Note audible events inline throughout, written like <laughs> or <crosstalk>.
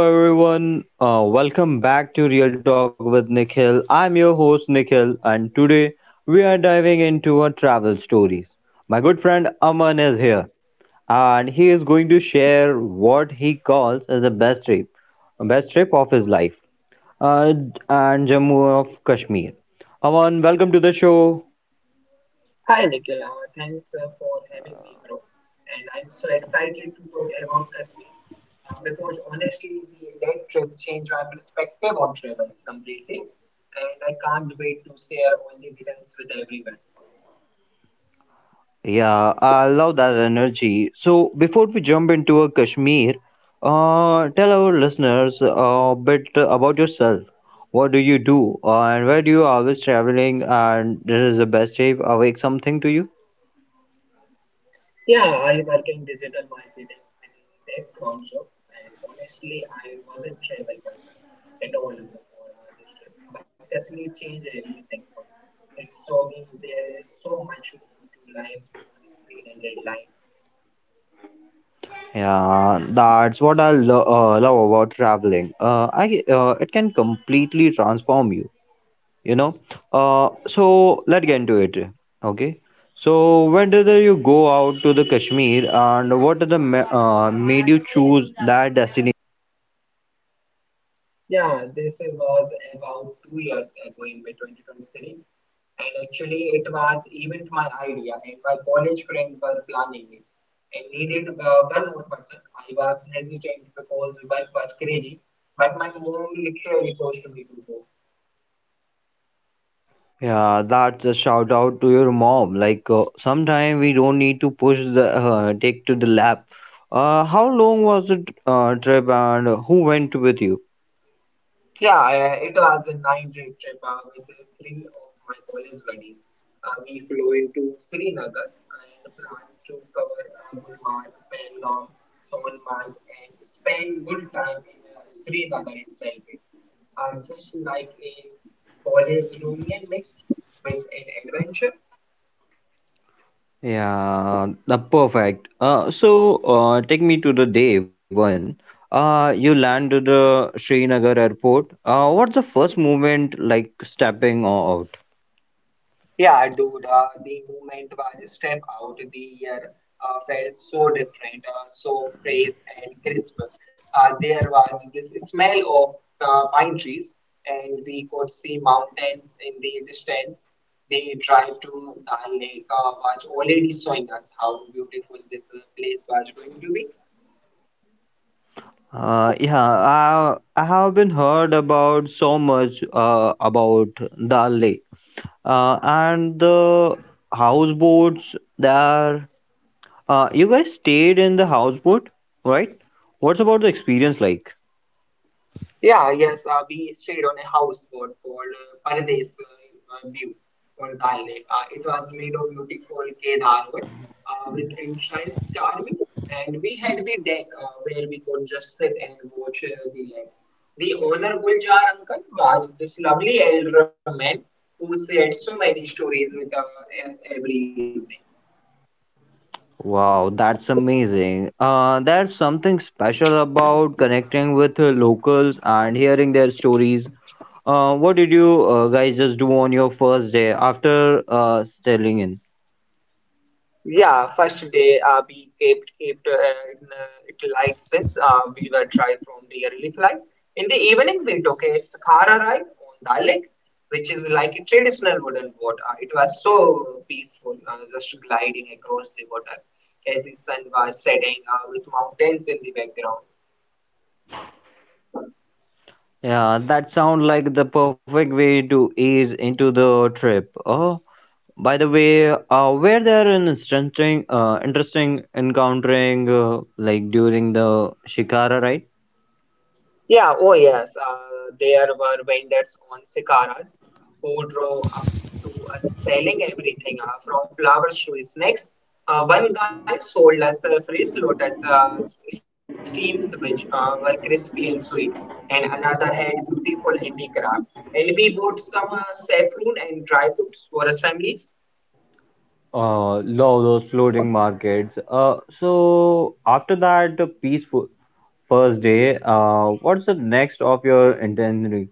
Hello everyone, welcome back to Real Talk with Nikhil. I'm your host Nikhil, and today we are diving into our travel stories. My good friend Aman is here, and he is going to share what he calls as the best trip of his life, uh, and Jammu of Kashmir. Aman, welcome to the show. Hi Nikhil, thanks for having me, bro. And I'm so excited to talk about Kashmir because honestly, that trip changed my perspective on travel completely, and I can't wait to share all the details with everyone. Yeah, I love that energy. So, before we jump into a Kashmir, tell our listeners a bit about yourself. What do you do, and where do you always traveling? And this is the best day awake something to you. Yeah, I work in digital marketing and desk also, and honestly, I wasn't travel person at all before this trip, but Kashmir changed everything for me. It saw me there is so much more to life beyond screen and deadline. Yeah, that's what I love about traveling. I It can completely transform you. You know so let's get into it. Okay, so when did you go out to the Kashmir, and what are the made you choose that destination? Yeah, this was about 2 years ago in May 2023. And actually, it was even my idea, and my college friend were planning it. I needed one more person. I was hesitant because work was crazy, but my mom literally forced me to go. Yeah, that's a shout out to your mom. Like, sometime we don't need to push the take to the lab. How long was the trip, and who went with you? Yeah, it was a nine-day trip with three of my college buddies. We flew into Srinagar and planned to cover Gulmarg, Pahalgam, Sonmarg, and spend good time in Srinagar itself. Just like a college reunion mixed with an adventure. Yeah, the perfect. Take me to the day one. You land to the Srinagar airport. What's the first moment like stepping out? The moment when I stepped out the year felt so different, so fresh and crisp. There was this smell of pine trees, and we could see mountains in the distance. The drive to Dal Lake was already showing us how beautiful this place was going to be. Yeah, I have been heard about so much about Dal Lake. And the houseboats there. You guys stayed in the houseboat, right? What's about the experience like? Yeah, yes, we stayed on a houseboat called Paradise View on Dal Lake. It was made of beautiful Kedar wood with entrance carvings, and we had the deck where we could just sit and watch the lake. The owner, Guljar Uncle, was this lovely elder man who shared so many stories with us every evening. Wow, that's amazing. There's something special about connecting with locals and hearing their stories. What did you guys just do on your first day after settling in? Yeah, First day we kept it light since we were drive from the early flight. In the evening, we took a Sakhara ride on the lake, which is like a traditional wooden boat. It was so peaceful, just gliding across the water as the sun was setting with mountains in the background. Yeah, that sounds like the perfect way to ease into the trip. Oh, by the way, were there an interesting, interesting encountering like during the Shikara ride? Yeah, oh yes. There were vendors on Sikaras who drove up to us selling everything from flowers to snacks. One guy sold us fresh lotus steams which were crispy and sweet, and another had beautiful handicraft. And we bought some saffron and dry fruits for us families. Love those floating markets. So after that peaceful first day, what's the next of your itinerary?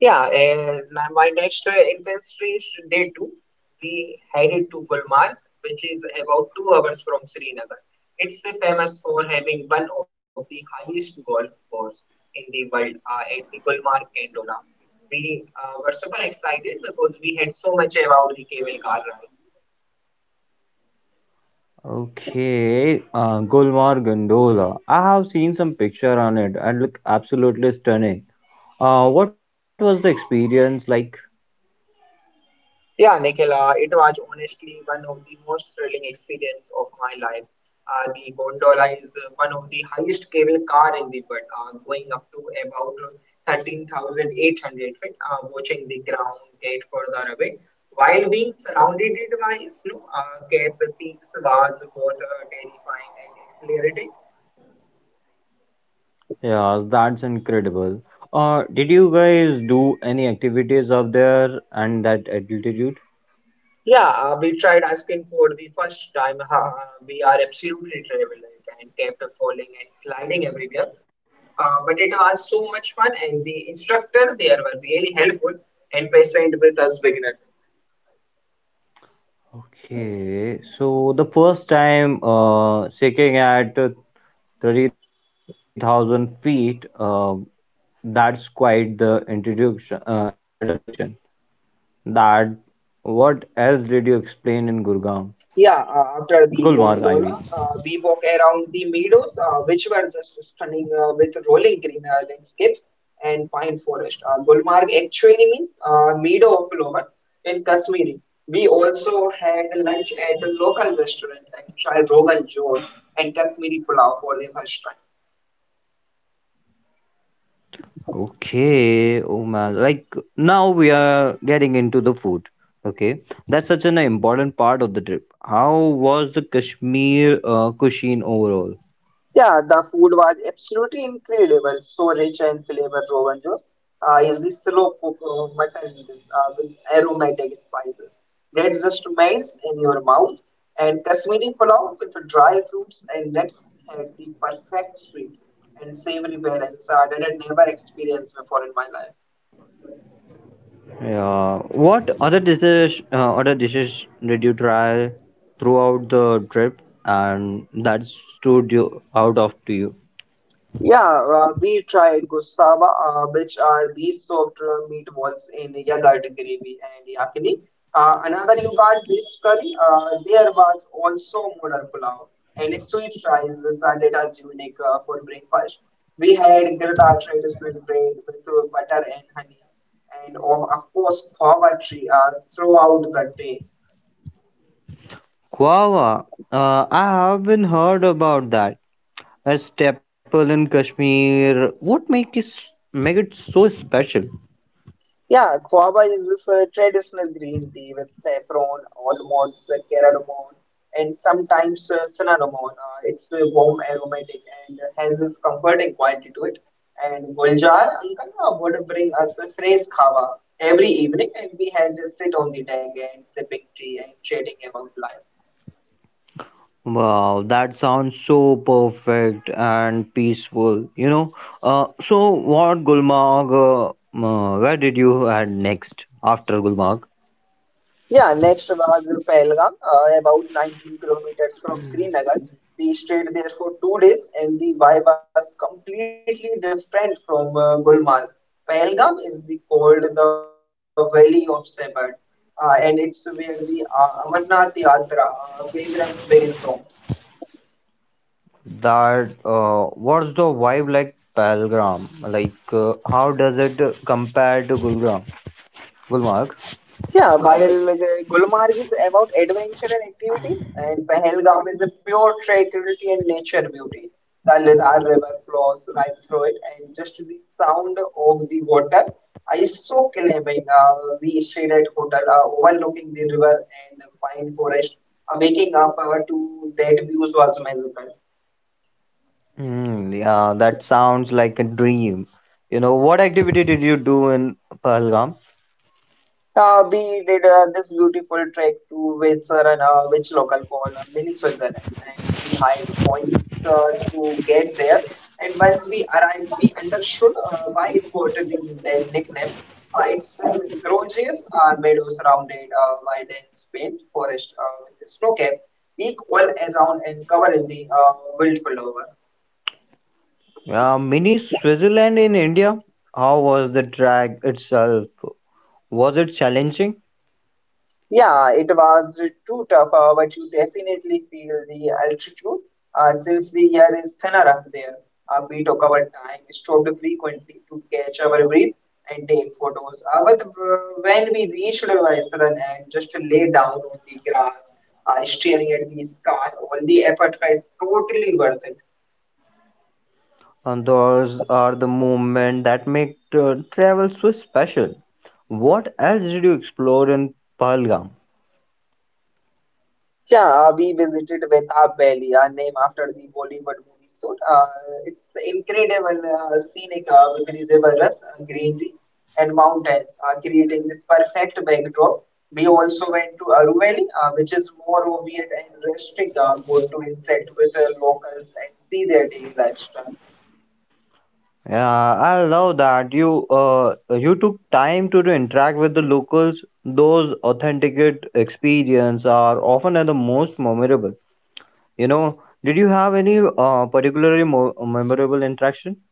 Yeah, and My next industry is day two. We headed to Gulmarg, which is about 2 hours from Srinagar. It's famous for having one of the highest golf courses in the world at the Gulmarg Candola. We were super excited because we had so much about the cable car ride. Okay, Gulmar Gondola. I have seen some picture on it and look absolutely stunning. What was the experience like? Yeah, Nikhila, it was honestly one of the most thrilling experience of my life. The gondola is one of the highest cable car in the world, going up to about 13,800 feet, watching the ground get further away. While being surrounded by snow, Cape Peaks was both terrifying and exhilarating. Yeah, that's incredible. Did you guys do any activities up there and that altitude? Yeah, we tried asking for the first time. We are absolutely terrible and kept falling and sliding everywhere. But it was so much fun, and the instructor there were really helpful and patient with us beginners. Okay, so the first time shaking at 30,000 feet, that's quite the introduction. That what else did you explain in Gurgaon? Yeah, Gulmarg, After I the mean. gondola, we walk around the meadows, which were just stunning with rolling green landscapes and pine forest. Gulmarg actually means meadow of flowers in Kashmiri. We also had lunch at a local restaurant and tried Rogan Josh and Kashmiri Pulao for the first time. Okay, oh man. Like, now we are getting into the food. Okay, that's such an important part of the trip. How was the Kashmir cuisine overall? Yeah, the food was absolutely incredible. So rich and flavor, Rogan Josh. Is the slow cooked mutton noodles, with aromatic spices that just melts in your mouth. And Kashmiri pulao with dry fruits and nuts had the perfect sweet and savory balance that I never experienced before in my life. Yeah. What other dishes did you try throughout the trip, and that stood you out of to you? Yeah, we tried gustava, which are these soaked meatballs in yogurt gravy and yakini. Another you got based curry. There was also modern pulao and sweet fries started as unique for breakfast. We had girda traditional bread with butter and honey, and of course, poverty throughout the day. Guava. I have been heard about that. A staple in Kashmir. What make it so special? Yeah, guava is this traditional green tea with saffron, almonds, cardamom, and sometimes cinnamon. It's warm, aromatic, and has this comforting quality to it. And Guljar Uncle would bring us a fresh guava every evening, and we had to sit on the deck and sipping tea and chatting about life. Wow, that sounds so perfect and peaceful. You know. So what Gulmarg? Where did you head next after Gulmarg? Yeah, next was Pahalgam, about 19 kilometers from Srinagar. We stayed there for 2 days, and the vibe was completely different from Gulmarg. Pahalgam is called the Valley of Shepherd, and it's where the Amarnath Yatra pilgrims begin from. That what's the vibe like Pelgram? Like, how does it compare to Gulgram? Gulmarg? Yeah, while Gulmarg is about adventure and activities, and Pahalgam is a pure tranquility and nature beauty. The Lidar River flows right through it, and just the sound of the water is so calming. We stayed at hotel overlooking the river and pine forest. Waking up to that views was magical. Hmm, yeah, that sounds like a dream. You know, what activity did you do in Pahalgam? We did this beautiful trek to Wet'suwet'en, which local call mini Switzerland, and we hiked points to get there. And once we arrived, we understood why it got the nickname. Its gorgeous are meadows surrounded by dense faint forest with snow cap, peak all around and covered in the wild flower. Yeah, mini Switzerland in India. How was the drag itself? Was it challenging? Yeah, it was too tough, but you definitely feel the altitude since the air is thinner up there. We took our time, stopped frequently to catch our breath and take photos. But when we reached Vaisran and just lay down on the grass, staring at the sky, all the effort felt totally worth it. And those are the moments that make travel so special. What else did you explore in Pahalgam? Yeah, we visited Betاب Valley, Abelia, named after the Bollywood movie. So, it's incredible, scenic with the rivers, greenery, and mountains, creating this perfect backdrop. We also went to Aru Valley, which is more rugged and rustic, good to interact with locals and see their daily lifestyle. Yeah, I love that you took time to interact with the locals. Those authenticate experience are often are the most memorable. You know, did you have any particularly memorable interaction?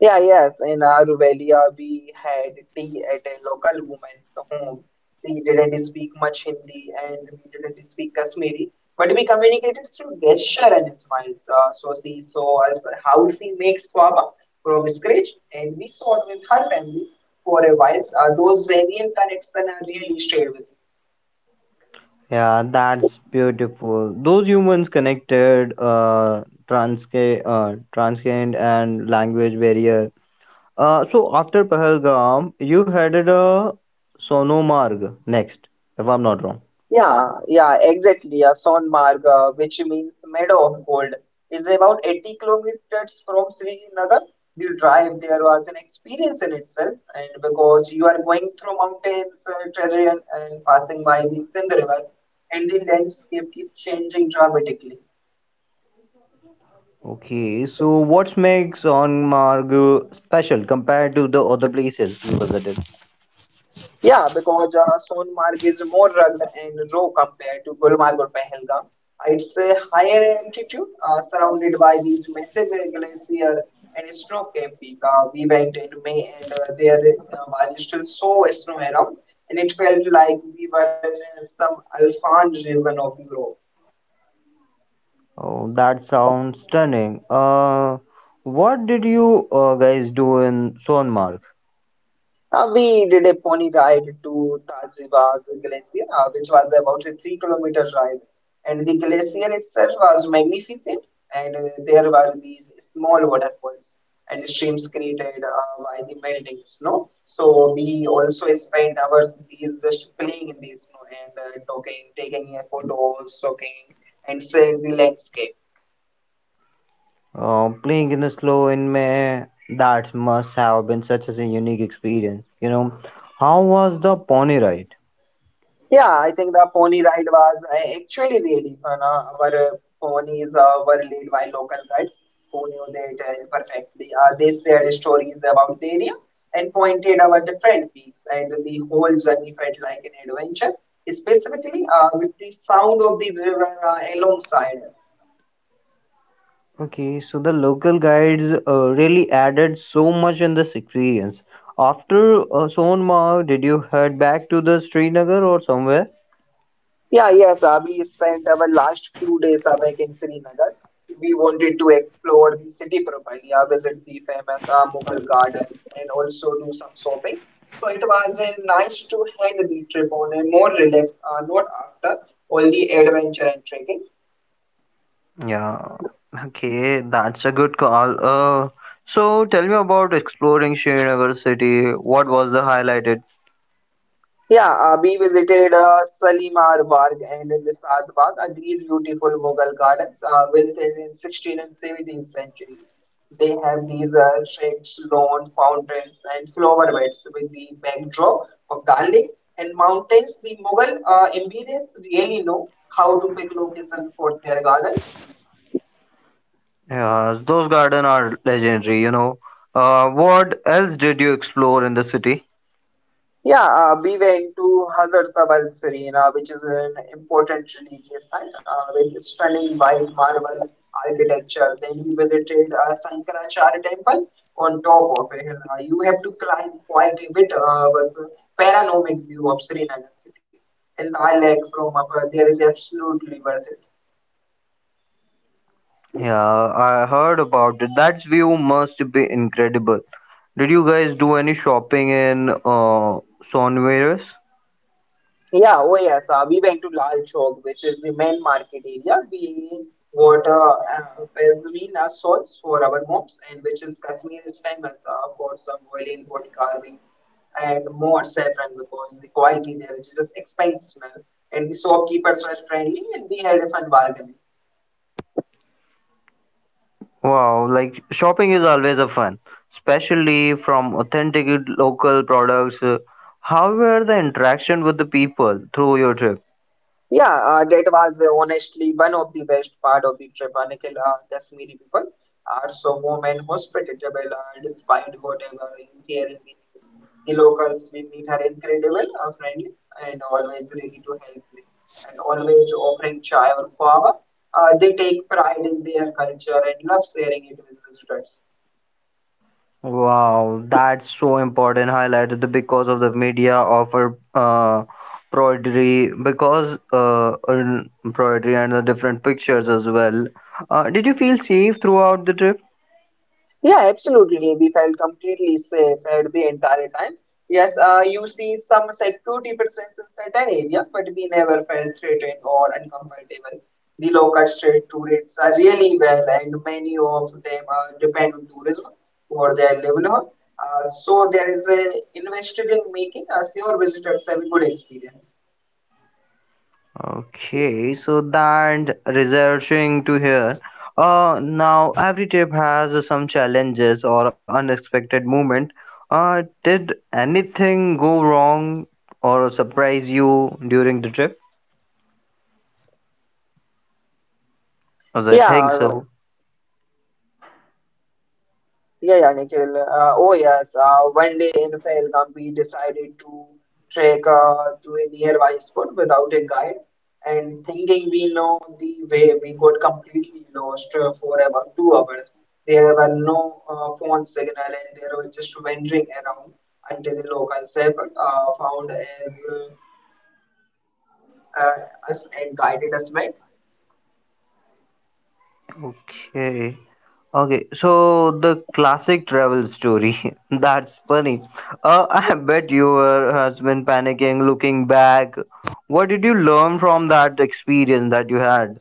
Yeah, yes. In Aruvelia, we had tea at a local woman's home. She didn't speak much Hindi and we didn't speak Kashmiri, but we communicated through gesture and smiles. So she saw us how she makes pop from scratch, and we saw it with her family for a while. Those genuine connection are really shared with. Yeah, that's beautiful. Those humans connected, transcend and language barrier. So after Pahalgam, you headed a Sonomarg next, if I'm not wrong. Yeah, yeah, exactly. A Sonmarg, which means meadow of gold, is about 80 kilometers from Srinagar. The drive there was an experience in itself, and because you are going through mountains, terrain, and passing by the Sindh River, and the landscape keeps changing dramatically. Okay, so what makes Onmargu special compared to the other places you visited? Yeah, because Sonmarg is more rugged and raw compared to Gulmarg or Pahalgam. It's a higher altitude, surrounded by these massive glacier and snow capped peak. We went in May, and there was still so snow around, and it felt like we were in some alpine region of Europe. Oh, that sounds stunning. What did you guys do in Sonmark? We did a pony ride to Taziwa's glacier, which was about a 3 kilometer ride. And the glacier itself was magnificent, and there were these small waterfalls and streams created by the melting snow. So we also spent hours these just playing in the snow and talking, taking a photo, soaking, and seeing the landscape. Playing in the snow in May, that must have been such as a unique experience. You know, how was the pony ride? Yeah, I think the pony ride was actually really fun. Our ponies were led by local guides who knew their terrain perfectly. They shared stories about the area and pointed our different peaks, and the whole journey felt like an adventure, specifically with the sound of the river alongside us. Okay, so the local guides really added so much in this experience. After Sonmark, did you head back to the Srinagar or somewhere? Yeah, yes, we spent our last few days back in Srinagar. We wanted to explore the city properly, visit the famous Mughal gardens, and also do some shopping. So it was nice to end the trip on a more relaxed note after all the adventure and trekking. Yeah, okay, that's a good call. So tell me about exploring Srinagar city. What was the highlighted? Yeah, we visited Salimar Bagh and Nisad Bagh, and these beautiful Mughal gardens built in 16th and 17th century. They have these sheds, lawn, fountains, and flower beds with the backdrop of Dal Lake and mountains. The Mughal emperors really know how to pick location for their gardens. Yeah, those gardens are legendary, you know. What else did you explore in the city? Yeah, we went to Hazratbal Serena, which is an important religious site with stunning white marble architecture. Then we visited Sankaracharya temple on top of a hill. You have to climb quite a bit with a panoramic view of Srinagar city. And the lake from above, there is absolutely worth it. Yeah, I heard about it. That view must be incredible. Did you guys do any shopping in Sonveris? Yeah, oh yes, we went to Lal Chowk, which is the main market area. We bought a pashmina shawls for our moms, and which is Kashmir is famous for some oil wood carvings and more saffron because the quality there is just expensive, and the shopkeepers were friendly, and we had a fun bargaining. Wow, like shopping is always a fun, especially from authentic local products. How were the interaction with the people through your trip? Yeah, that was honestly one of the best part of the trip. Nikhil, Kashmiri people are so warm and hospitable, despite whatever you hear in the news. The locals we meet are incredible, friendly, and always ready to help you, and always offering chai or guava. They take pride in their culture and love sharing it with visitors. Wow, that's so important highlighted the- because of the media offer embroidery because embroidery and the different pictures as well. Did you feel safe throughout the trip? Yeah, absolutely. We felt completely safe at the entire time. Yes, you see some security presence in certain area, but we never felt threatened or uncomfortable. The local street tourists are really well, and many of them are depend on tourism for their livelihood. So there is a invested in making a sure visitors have a good experience. Okay, so that researching to hear. Now every trip has some challenges or unexpected moment. Did anything go wrong or surprise you during the trip? As I think Yeah, so. Yeah, yeah, Nikhil. Oh, yes. One day in Pahalgam, we decided to trek to a nearby spot without a guide. And thinking we know the way, we got completely lost for about 2 hours. There were no phone signal, and there was just wandering around until the local shepherd found as, uh, us and guided us back. Okay. Okay, so the classic travel story. <laughs> That's funny. <laughs> I bet your husband panicking looking back. What did you learn from that experience that you had?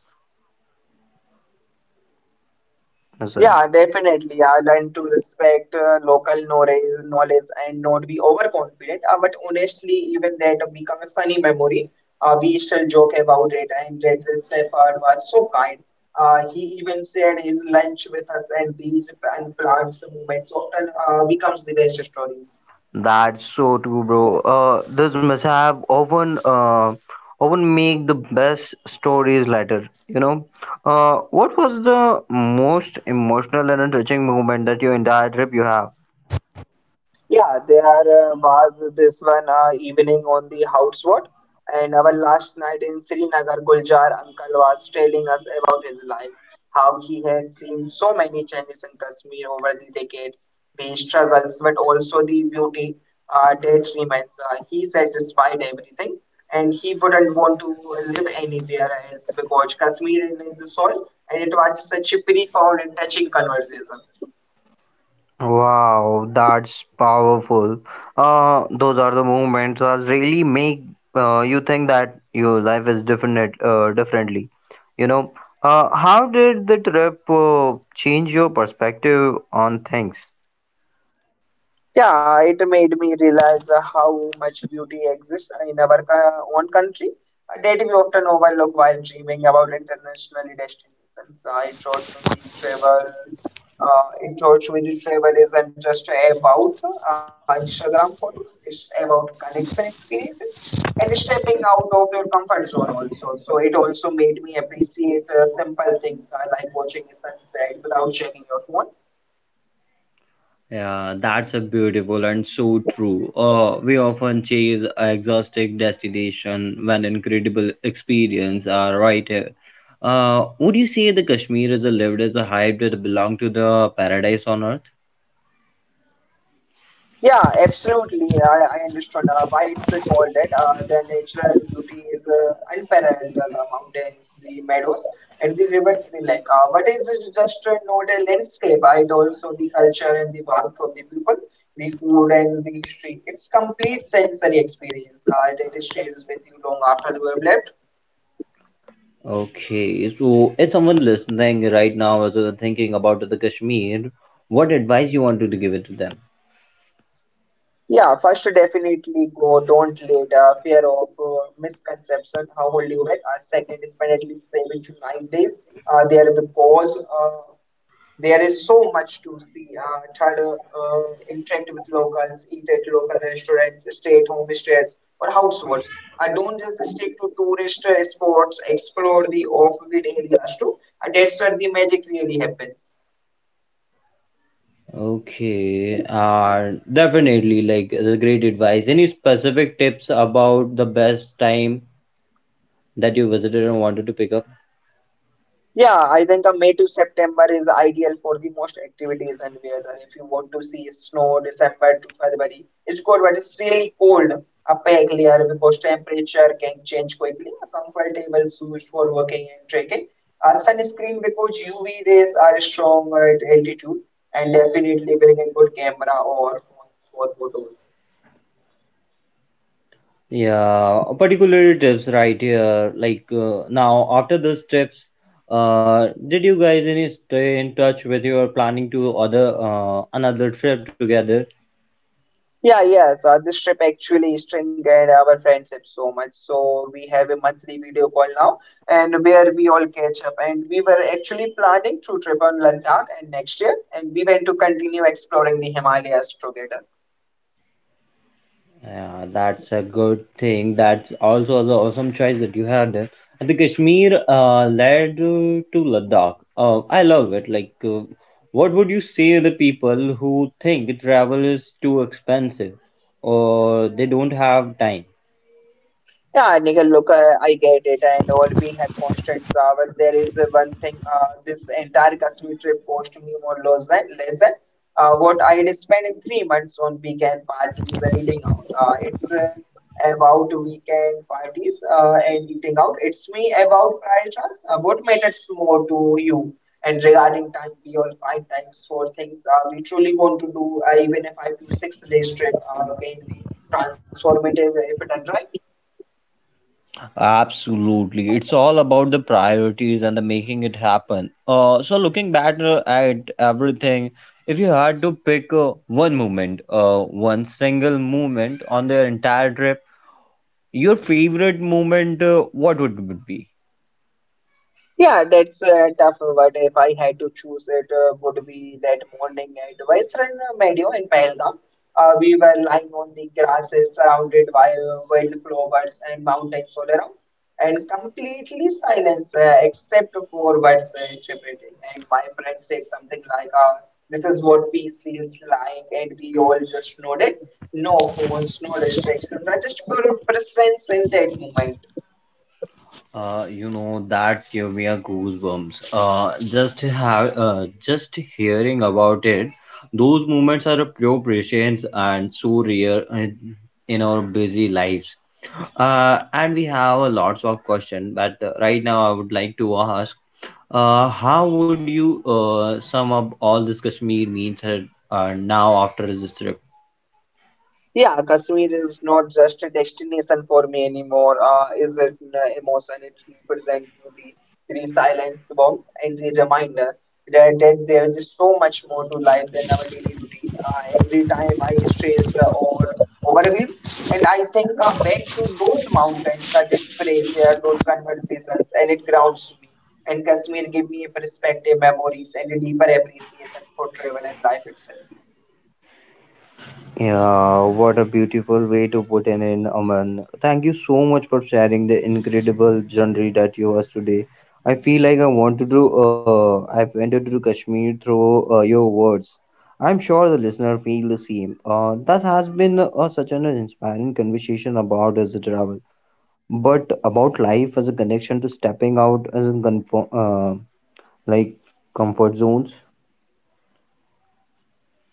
Yes, sir. Yeah, definitely. I learned to respect local knowledge and not be overconfident. But honestly, even that become a funny memory. We still joke about it, and that the Stafford was so kind. He even shared his lunch with us, and these unplanned moments often becomes the best stories. That's so true, bro. This mishap often often make the best stories later. You know, what was the most emotional and touching moment that your entire trip you have? Yeah, there was this one evening on the house what, and our last night in Srinagar, Guljar uncle was telling us about his life, how he had seen so many changes in Kashmir over the decades, the struggles, but also the beauty that remains. He said, despite everything, and he wouldn't want to live anywhere else because Kashmir is his soul, and it was such a profound and touching conversation. Wow, that's powerful. Those are the moments that really make you think that your life is different, differently. You know, how did the trip change your perspective on things? Yeah, it made me realize how much beauty exists in our own country, a that we often overlook while dreaming about international destinations. It taught me the travel isn't just about Instagram photos. It's about connection experiences and stepping out of your comfort zone also. So it also made me appreciate simple things like watching a sunset without checking your phone. Yeah, that's a beautiful and so true. We often chase a exotic destination when incredible experience are right here. Would you say the Kashmir is a lived as a hype that belong to the paradise on earth? Yeah, absolutely. I understood why it's called that. The natural beauty is unparalleled. The mountains, the meadows, and the rivers, the lake. But it's just not a landscape. It also the culture and the warmth of the people, the food and the history. It's complete sensory experience. It stays with you long after you have left. Okay, so if someone listening right now is thinking about the Kashmir, what advice you want to give it to them? Yeah, first definitely go, don't let fear of misconception hold you back. Second is definitely 7 to 9 days. Uh, there because uh, there is so much to see. Third, interact with locals, eat at local restaurants, stay at home stays or households. Don't just stick to tourist spots. Explore the off-beat areas too. And that's where the magic really happens. Okay, definitely like the great advice. Any specific tips about the best time that you visited and wanted to pick up? Yeah, I think a May to September is ideal for the most activities and weather. If you want to see snow, December to February, it's good, but it's really cold up here because temperature can change quickly. A comfortable shoes for walking and trekking. A sunscreen because UV rays are strong at altitude and definitely bring a good camera or phone for photos. Yeah, particular tips right here. Like, now, after those trips, did you guys any stay in touch with your planning to other another trip together? Yeah, yes. So this trip actually strengthened our friendship so much. So we have a monthly video call now, and where we all catch up. And we were actually planning to trip on Ladakh and next year, and we went to continue exploring the Himalayas together. Yeah, that's a good thing. That's also an awesome choice that you had. And the Kashmir led to Ladakh. I love it. Like, what would you say to the people who think travel is too expensive or they don't have time? Yeah, Nikhil, look, I get it, and all we have constraints are, but there is one thing, this entire Kashmir trip cost me more less than what I had spent in 3 months on weekend parties and eating out. It's about weekend parties and eating out. It's me about priorities, what matters more to you. And regarding time, we all find times for things we truly want to do, even if I do 6 days trip, can be transformative if done right. Absolutely. It's all about the priorities and the making it happen. So looking back at everything, if you had to pick one moment, one single moment on their entire trip, your favorite moment, what would it be? Yeah, that's tough. But if I had to choose, it would be that morning at Western Meadow in Pahalgam. We were lying on the grasses surrounded by wildflowers and mountains all around, and completely silence except for birds chirping. And my friend said something like, "This is what peace feels like," and we all just nodded. No phones, no distractions, just pure presence in that moment. You know that gave me a goosebumps. Just hearing about it, those moments are a pure presence and so rare in our busy lives. And we have a lots of question, but right now I would like to ask, how would you sum up all this Kashmir means now after this trip? Yeah, Kashmir is not just a destination for me anymore. Is it an emotion. It represents beauty, resilience, warmth, and the reminder that there is so much more to life than our daily routine. Every time I stress or overwhelm, and I think back to those mountains, that space, those conversations, and it grounds me. And Kashmir gave me a perspective, memories, and a deeper appreciation for travel and life itself. Yeah, what a beautiful way to put it in, Aman. Thank you so much for sharing the incredible journey that you was today. I feel like I want to do. I wanted to do Kashmir through your words. I'm sure the listener feel the same. This has been such an inspiring conversation about as a travel, but about life as a connection to stepping out as a like comfort zones.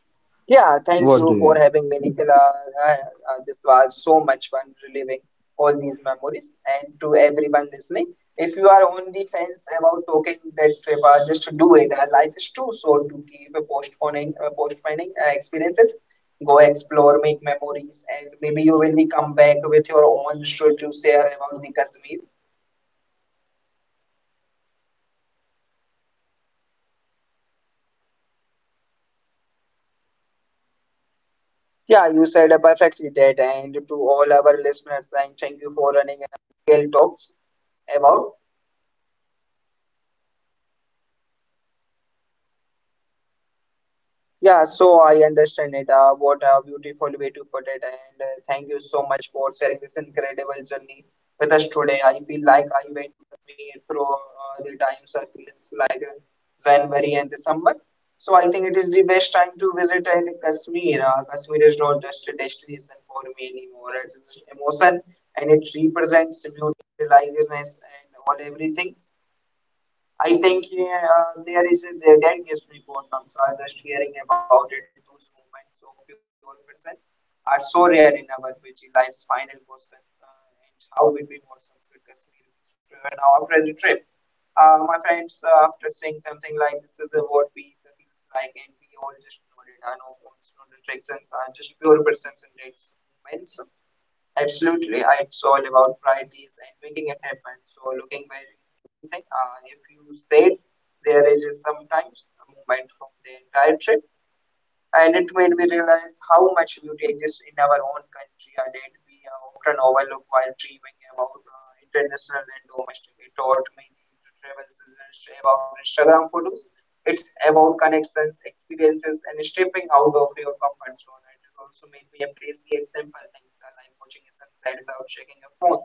Yeah, thank you for What do having me, you? Nikhil. This was so much fun reliving all these memories. And to everyone listening, if you are on the fence about talking that trip, just do it. Life is too short to keep postponing experiences. Go explore, make memories, and maybe you will be come back with your own should you share about the Kashmir. Yeah, perfectly said. And all of the listener, thank you for turning in the Real Talk with Nikhil today. If our story inspired you and Yeah, sharing you your said episode perfectly that. And to all with our your listeners, and thank friends you for and running leaving a with a real review, talks and maybe start about. planning your own adventure. Remember, the best trip of your life might be just as your Yeah, one so I decision away. understand it. What a Until next beautiful way to time, put it. keep And it uh, real thank you and so keep much for sharing exploring, this incredible exploring, journey with us and. Today. I feel like I Keep went with having me those through the times I feel magnifying it's like conversation with January and Nichols. December. So Okay. I think it is the best time to visit in Kashmir. Kashmir is not just a destination for me anymore. It is emotion and it represents beauty, religious and all everything. I think there is a there that gives me goosebumps. So I was just hearing about it. Those moments of pure presence are so rare in our busy life's final questions. And how between emotions we constantly driven our present trip. My friends, after saying something like this is the word peace that feels like, and we all just nodded. I know phones, no distractions, are just pure presence in these moments. Absolutely, it's all about priorities and making it happen. So looking back, if you said there is sometimes a movement from the entire trip and it made me realize how much beauty exists in our own country and that we are often overlooked while dreaming about international and domestic. It taught me that travel isn't just about Instagram photos. It's about connections, experiences, and stepping out of your comfort zone. And it also made me appreciate simple things like watching a sunset without checking your phone.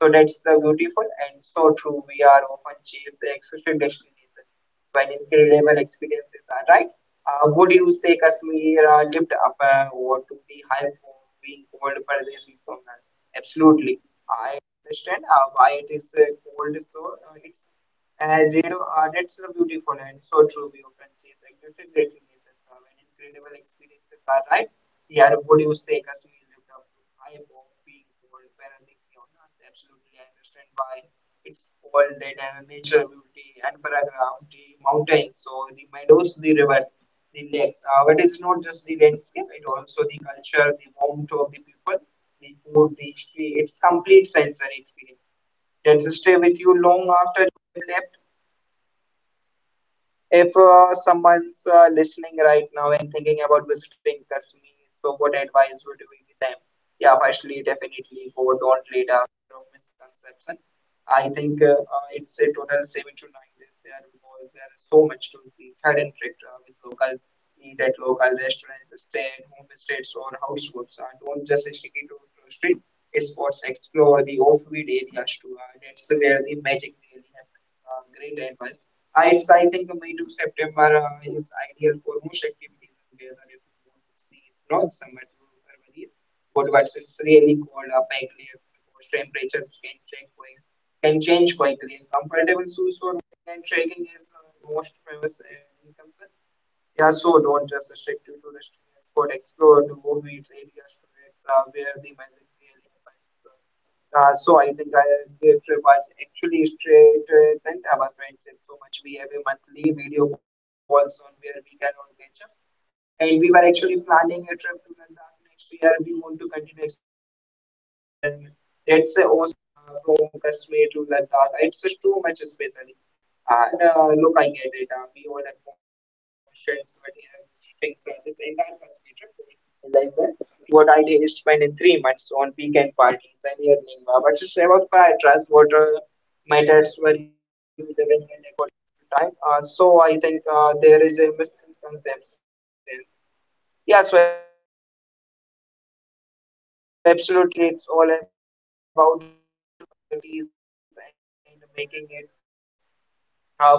So that's the beautiful and so true. We are often chased excessive destination when incredible experiences are right. Would you say Kashmir lived up or to the hype for being called Paradesi Sonar? Absolutely. I understand why it is called so. That's so beautiful and so true. We often see it's like different great nations and incredible experiences are right. Yeah, would you say Kashmir lived up to the hype of being called paradise? On Earth? Absolutely. I understand why it's called that and nature beauty and background, the mountains, so the meadows, the rivers. The relax. But it's not just the landscape, it also the culture, the warmth of the people, the food, the history. It's complete sensory experience that will stay with you long after you have left. If someone's listening right now and thinking about visiting Kashmir, so what advice would you give them? Yeah, firstly, definitely go, don't let a fear of misconception. I think It's a total 7 to 9 days there because there is so much to see. Third and trick with locals, eat at local restaurants, stay at home states or houseboats. Don't just stick it to street spots. Explore the offbeat areas too. That's where the magic really happens. Great advice I, it's, I think May to September is ideal for most activities and if you want to see not summer to February, but what's it's really called a pack layers because temperatures can change quickly. Comfortable shoes for and trekking is most famous in concern. Yeah, so don't just restrict you to restrictions. But explore to movies, areas to it, where the magic really happens. So I think I The trip was actually straight and our friends and so much. We have a monthly video calls on where we can all catch up. And we were actually planning a trip to Ladakh next year. We want to continue exploring the Himachals together and that's awesome from Kashmir to Ladakh. It's just too much especially. And look, I get it. We all have conscience, but yeah, fix this entire Kashmir trip. I that what I did is spend in 3 months on weekend parties and evening but just about prioritize what matters were you live in and according to time. So I think There is a misconception. Yeah, so absolutely, it's all about priorities and making it what we prioritize. Absolutely, it's all about priorities and making it happen. So looking back and everything, if you had to pick